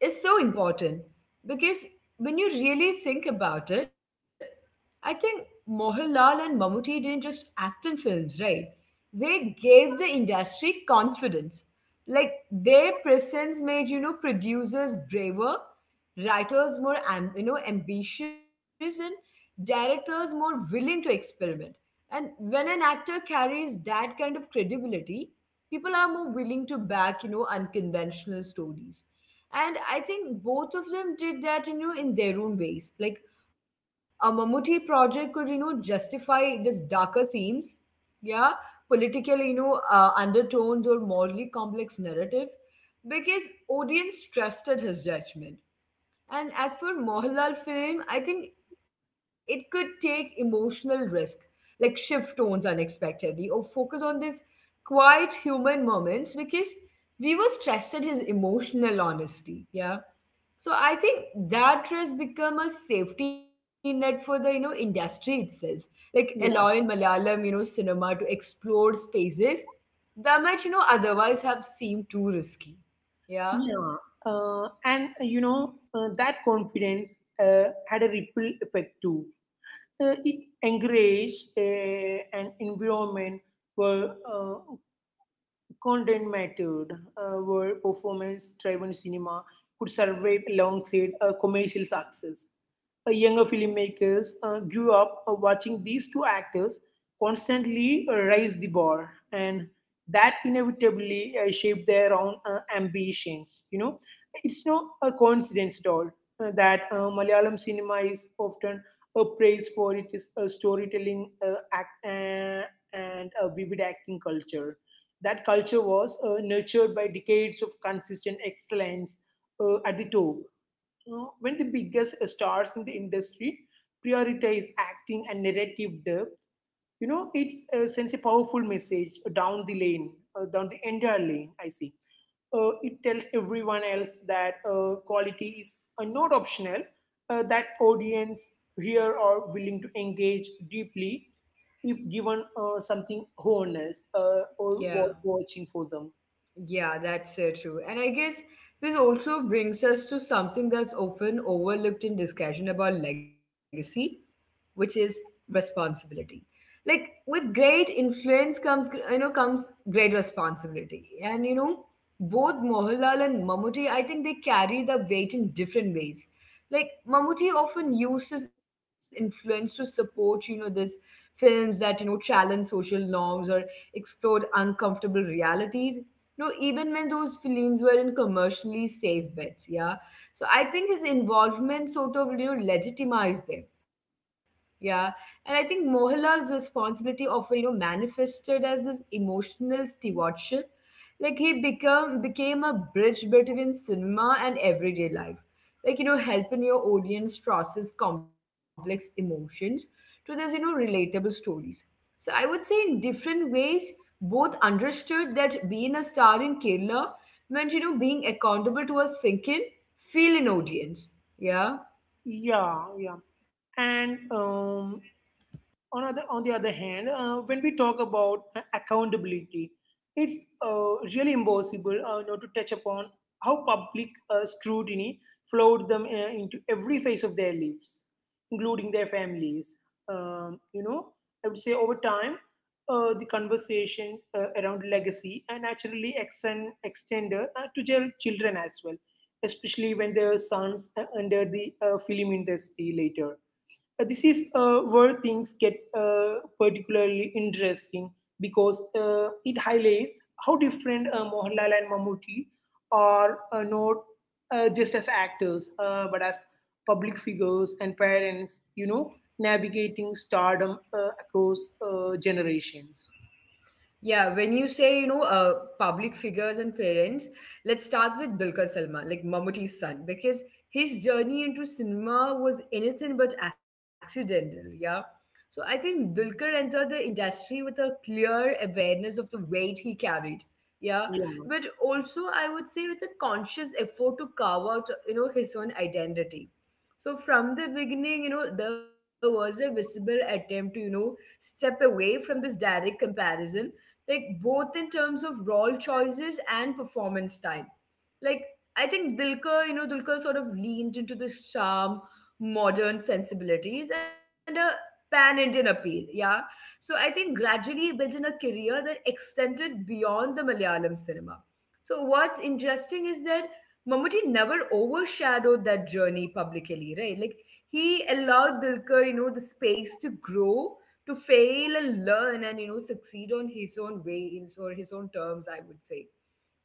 is so important because when you really think about it, I think Mohanlal and Mammootty didn't just act in films, right? They gave the industry confidence. Like their presence made, you know, producers braver, writers more, am- you know, ambitious and directors more willing to experiment. And when an actor carries that kind of credibility, people are more willing to back, you know, unconventional stories. And I think both of them did that, you know, in their own ways. Like a Mammootty project could, you know, justify this darker themes, yeah, political, you know, uh, undertones or morally complex narrative because audience trusted his judgment. And as for Mohanlal film, I think it could take emotional risk, like shift tones unexpectedly, or focus on this quiet human moments because we was trusted his emotional honesty. Yeah. So I think that trust become a safety net for the you know industry itself, like allowing Yeah, Malayalam you know cinema to explore spaces that might you know otherwise have seemed too risky. Yeah, yeah. Uh, and, uh, you know, uh, that confidence uh, had a ripple effect too. Uh, it encouraged uh, an environment where uh, content mattered, uh, where performance driven cinema could survive alongside uh, commercial success. Uh, younger filmmakers uh, grew up uh, watching these two actors constantly uh, raise the bar, and that inevitably uh, shaped their own uh, ambitions. You know, it's no a coincidence at all uh, that uh, Malayalam cinema is often uh, praised for its uh, storytelling uh, act, uh, and a vivid acting culture. That culture was uh, nurtured by decades of consistent excellence uh, at the top. Uh, when the biggest stars in the industry prioritize acting and narrative depth, you know, it uh, sends a powerful message down the lane, uh, down the entire lane, I see. Uh, it tells everyone else that uh, quality is uh, not optional, uh, that audience here are willing to engage deeply if given uh, something honest uh, or yeah. worth watching for them. Yeah, that's uh, true. And I guess this also brings us to something that's often overlooked in discussion about legacy, which is responsibility. Like with great influence comes you know comes great responsibility. And you know, both Mohanlal and Mammootty, I think they carry the weight in different ways. Like Mammootty often uses influence to support, you know, this films that you know, challenge social norms or explored uncomfortable realities no, even when those films were in commercially safe bets, yeah. So I think his involvement sort of you know, legitimized them, yeah. And I think Mohanlal's responsibility often you know, manifested as this emotional stewardship, like he become became a bridge between cinema and everyday life, like you know, helping your audience process complex emotions to these you know, relatable stories. So I would say in different ways, both understood that being a star in Kerala meant you know, being accountable to a thinking, feeling audience. Yeah. Yeah, yeah. And um, on other on the other hand, uh, when we talk about uh, accountability, it's uh, really impossible uh, not to touch upon how public uh, scrutiny flowed them uh, into every phase of their lives, including their families. Um, you know, I would say over time, uh, the conversation uh, around legacy and naturally extend extended uh, to their children as well, especially when their sons uh, entered the uh, film industry later. uh, This is uh, where things get uh, particularly interesting because uh, it highlights how different uh, Mohanlal and Mammootty are, uh, not uh, just as actors, uh, but as public figures and parents, you know, navigating stardom uh, across uh, generations. Yeah, when you say, you know, uh, public figures and parents, let's start with Dulquer Salman, like Mammootty's son, because his journey into cinema was anything but accidental, yeah. So I think Dulquer entered the industry with a clear awareness of the weight he carried, yeah. Yeah, But also, I would say, with a conscious effort to carve out, you know, his own identity. So from the beginning, you know, there was a visible attempt to, you know, step away from this direct comparison, like both in terms of role choices and performance style. Like I think Dilkar, you know, Dilkar sort of leaned into this charm, modern sensibilities, and a pan Indian appeal. Yeah. So I think gradually built in a career that extended beyond the Malayalam cinema. So what's interesting is that Mammootty never overshadowed that journey publicly, right? Like he allowed Dilkar, you know, the space to grow, to fail and learn and you know, succeed on his own ways or his own terms, I would say,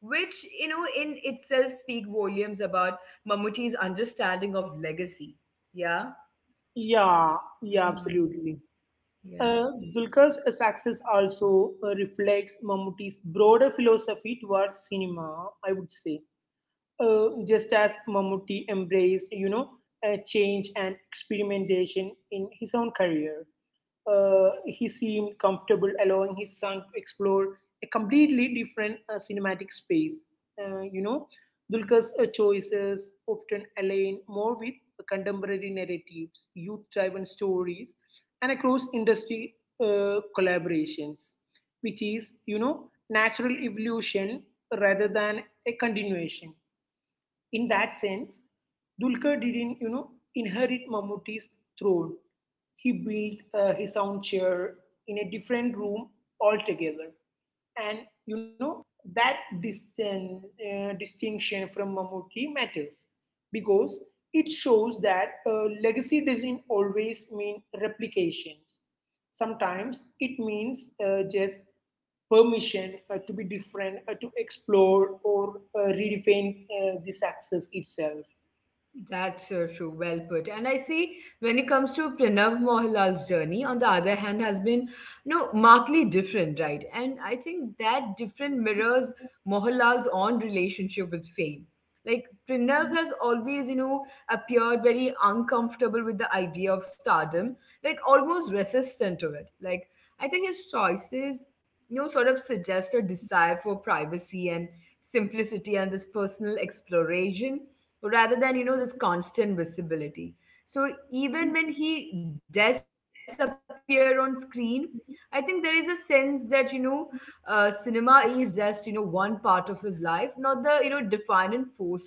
which you know, in itself speak volumes about Mamuti's understanding of legacy. Yeah. yeah, yeah, Mhm. absolutely. Yeah. Uh, Dulquer's success also uh, reflects Mammootty's broader philosophy towards cinema, I would say. Uh, just as Mammootty embraced, you know, uh, change and experimentation in his own career. Uh, he seemed comfortable allowing his son to explore a completely different uh, cinematic space. Uh, you know, Dulkar's uh, choices often align more with contemporary narratives, youth-driven stories, and across industry uh, collaborations, which is, you know, natural evolution rather than a continuation. In that sense, Dulquer didn't, you know, inherit Mammootty's throne. He built uh, his own chair in a different room altogether. And, you know, that distin- uh, distinction from Mammootty matters because it shows that uh, legacy doesn't always mean replications. Sometimes it means uh, just permission uh, to be different, uh, to explore or uh, redefine uh, the success itself. That's so true. Well put. And I see when it comes to Pranav Mohanlal's journey, on the other hand, has been you know, markedly different, right? And I think that different mirrors Mohanlal's own relationship with fame. Like Pranav has always, you know, appeared very uncomfortable with the idea of stardom, like almost resistant to it. Like I think his choices, you know, sort of suggest a desire for privacy and simplicity and this personal exploration rather than, you know, this constant visibility. So even when he does appear on screen, I think there is a sense that, you know, uh, cinema is just, you know, one part of his life, not the, you know, defining force of it.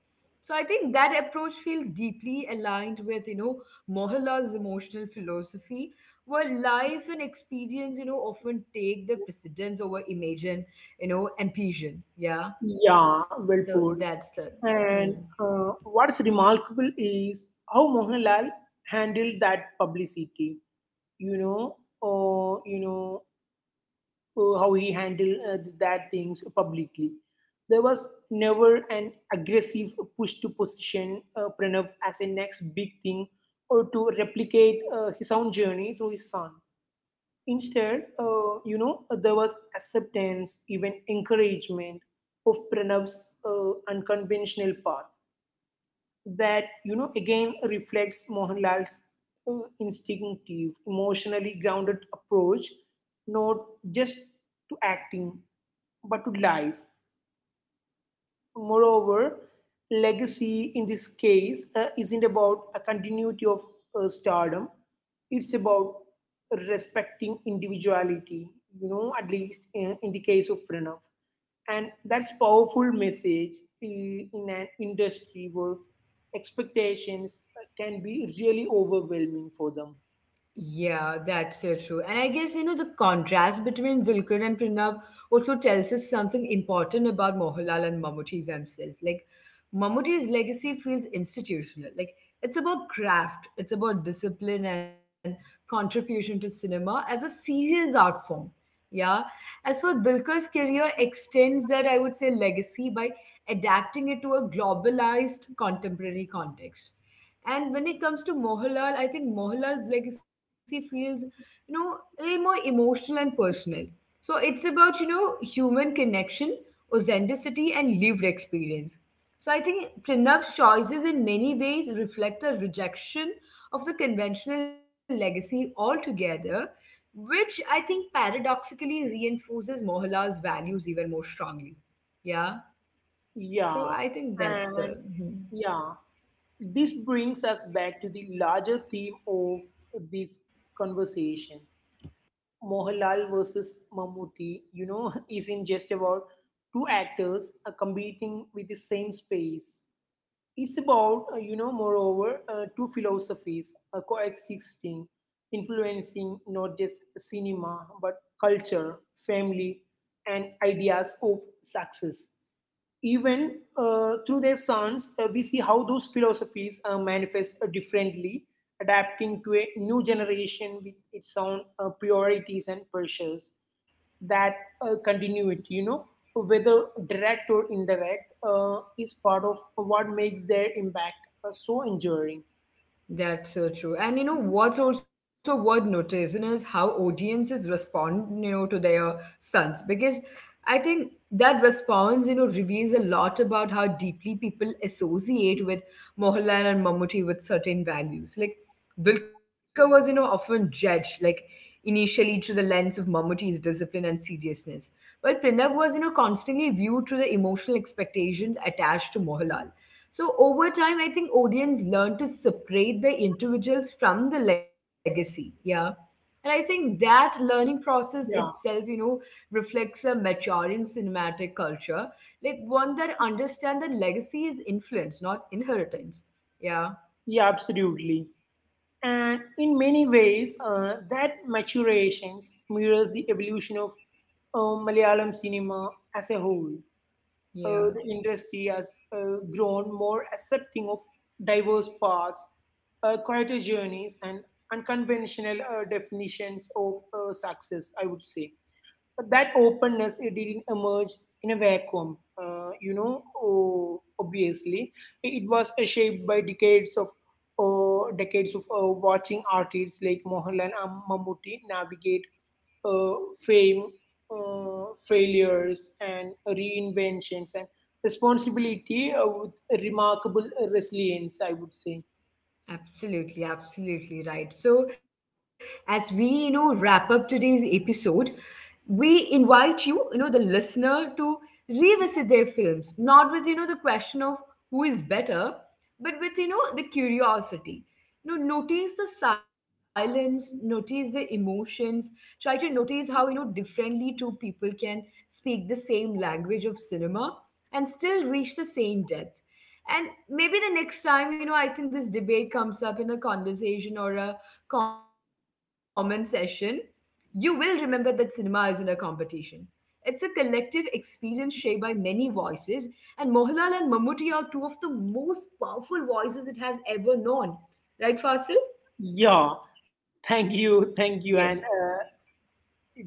So I think that approach feels deeply aligned with, you know, Mohanlal's emotional philosophy. Well, life and experience you know, often take the precedence over imagine you know, ambition. Yeah. Yeah, well put. So that's the. And Hmm. uh, what's remarkable is how Mohanlal handled that publicity. You know, or you know uh, how he handled uh, that things publicly. There was never an aggressive push to position uh, Pranav as a next big thing or to replicate uh, his own journey through his son. Instead, uh, you know, there was acceptance, even encouragement of Pranav's uh, unconventional path that, you know, again reflects Mohanlal's uh, instinctive, emotionally grounded approach, not just to acting, but to life. Moreover, legacy in this case uh, isn't about a continuity of uh, stardom, it's about respecting individuality, you know, at least in, in the case of Pranav. And that's powerful message uh, in an industry where expectations uh, can be really overwhelming for them. Yeah, that's so true. And I guess, you know, the contrast between Dulquer and Pranav also tells us something important about Mohanlal and Mammootty themselves. Like, Mammootty's legacy feels institutional. Like, it's about craft, it's about discipline and contribution to cinema as a serious art form. Yeah. As for Dulquer's career extends that, I would say, legacy by adapting it to a globalized contemporary context and when it comes to Mohalal, I think Mohalal's legacy feels, you know, a little more emotional and personal. So it's about, you know, human connection, authenticity, and lived experience. So I think Pranav's choices in many ways reflect a rejection of the conventional legacy altogether, which I think paradoxically reinforces Mohalal's values even more strongly. Yeah. Yeah, So I think that's and the. Mhm. yeah, this brings us back to the larger theme of this conversation. Mohanlal versus Mammootty, you know, isn't just about two actors uh, competing with the same space. It's about, uh, you know, moreover, uh, two philosophies uh, coexisting, influencing not just cinema, but culture, family, and ideas of success. Even uh, through their sons, uh, we see how those philosophies uh, manifest uh, differently, adapting to a new generation with its own uh, priorities and pressures. That uh, continuity, you know, whether direct or indirect, uh, is part of what makes their impact uh, so enduring. That's so true. And you know what's also worth noticing is how audiences respond, you know, to their stunts because I think that response, you know, reveals a lot about how deeply people associate with Mohanlal and Mammootty with certain values. Like Dulka was, you know, often judged like initially through the lens of Mammootty's discipline and seriousness, while Pranav was, you know, constantly viewed through the emotional expectations attached to Mohanlal. So over time, I think audience learn to separate the individuals from the legacy. Yeah. And I think that learning process Yeah, itself, you know, reflects a maturing cinematic culture, like one that understands that legacy is influence, not inheritance. Yeah. yeah, absolutely. And in many ways, uh, that maturation mirrors the evolution of uh, Malayalam cinema as a whole. Uh, the Yeah. industry has uh, grown more accepting of diverse paths, uh, quieter journeys, and unconventional uh, definitions of uh, success, I would say. That openness, it didn't emerge in a vacuum. Uh, you know, oh, obviously it was uh, shaped by decades of uh, decades of uh, watching artists like Mohanlal and Mammootty navigate uh, fame, uh, failures and reinventions and responsibility uh, with remarkable resilience, I would say. Absolutely, absolutely right. So, as we, you know, wrap up today's episode, we invite you, you know, the listener to revisit their films, not with, you know, the question of who is better, but with, you know, the curiosity. You know, notice the silence, notice the emotions, try to notice how, you know, differently two people can speak the same language of cinema and still reach the same depth and maybe the next time, you know, I think this debate comes up in a conversation or a comment session, you will remember that cinema isn't a competition. It's a collective experience shaped by many voices, and Mohanlal and Mammootty are two of the most powerful voices it has ever known. Right, Fasil? Yeah, thank you, Yes, thank you, and uh,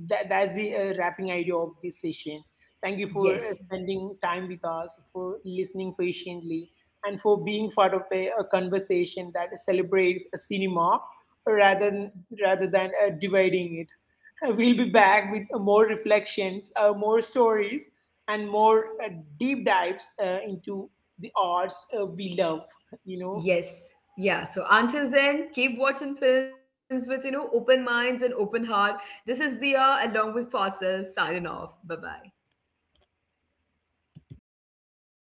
that, that's the uh, wrapping idea of this session. Thank you for uh, yes, spending time with us, for listening patiently, and for being part of a, a conversation that celebrates a cinema rather than, rather than uh, dividing it. Uh, We'll be back with uh, more reflections, uh, more stories, and more uh, deep dives uh, into the arts uh, we love. You know, yes. Yeah, so until then, keep watching films with, you know, open minds and open heart. This is Dia along with Fasil signing off. Bye bye.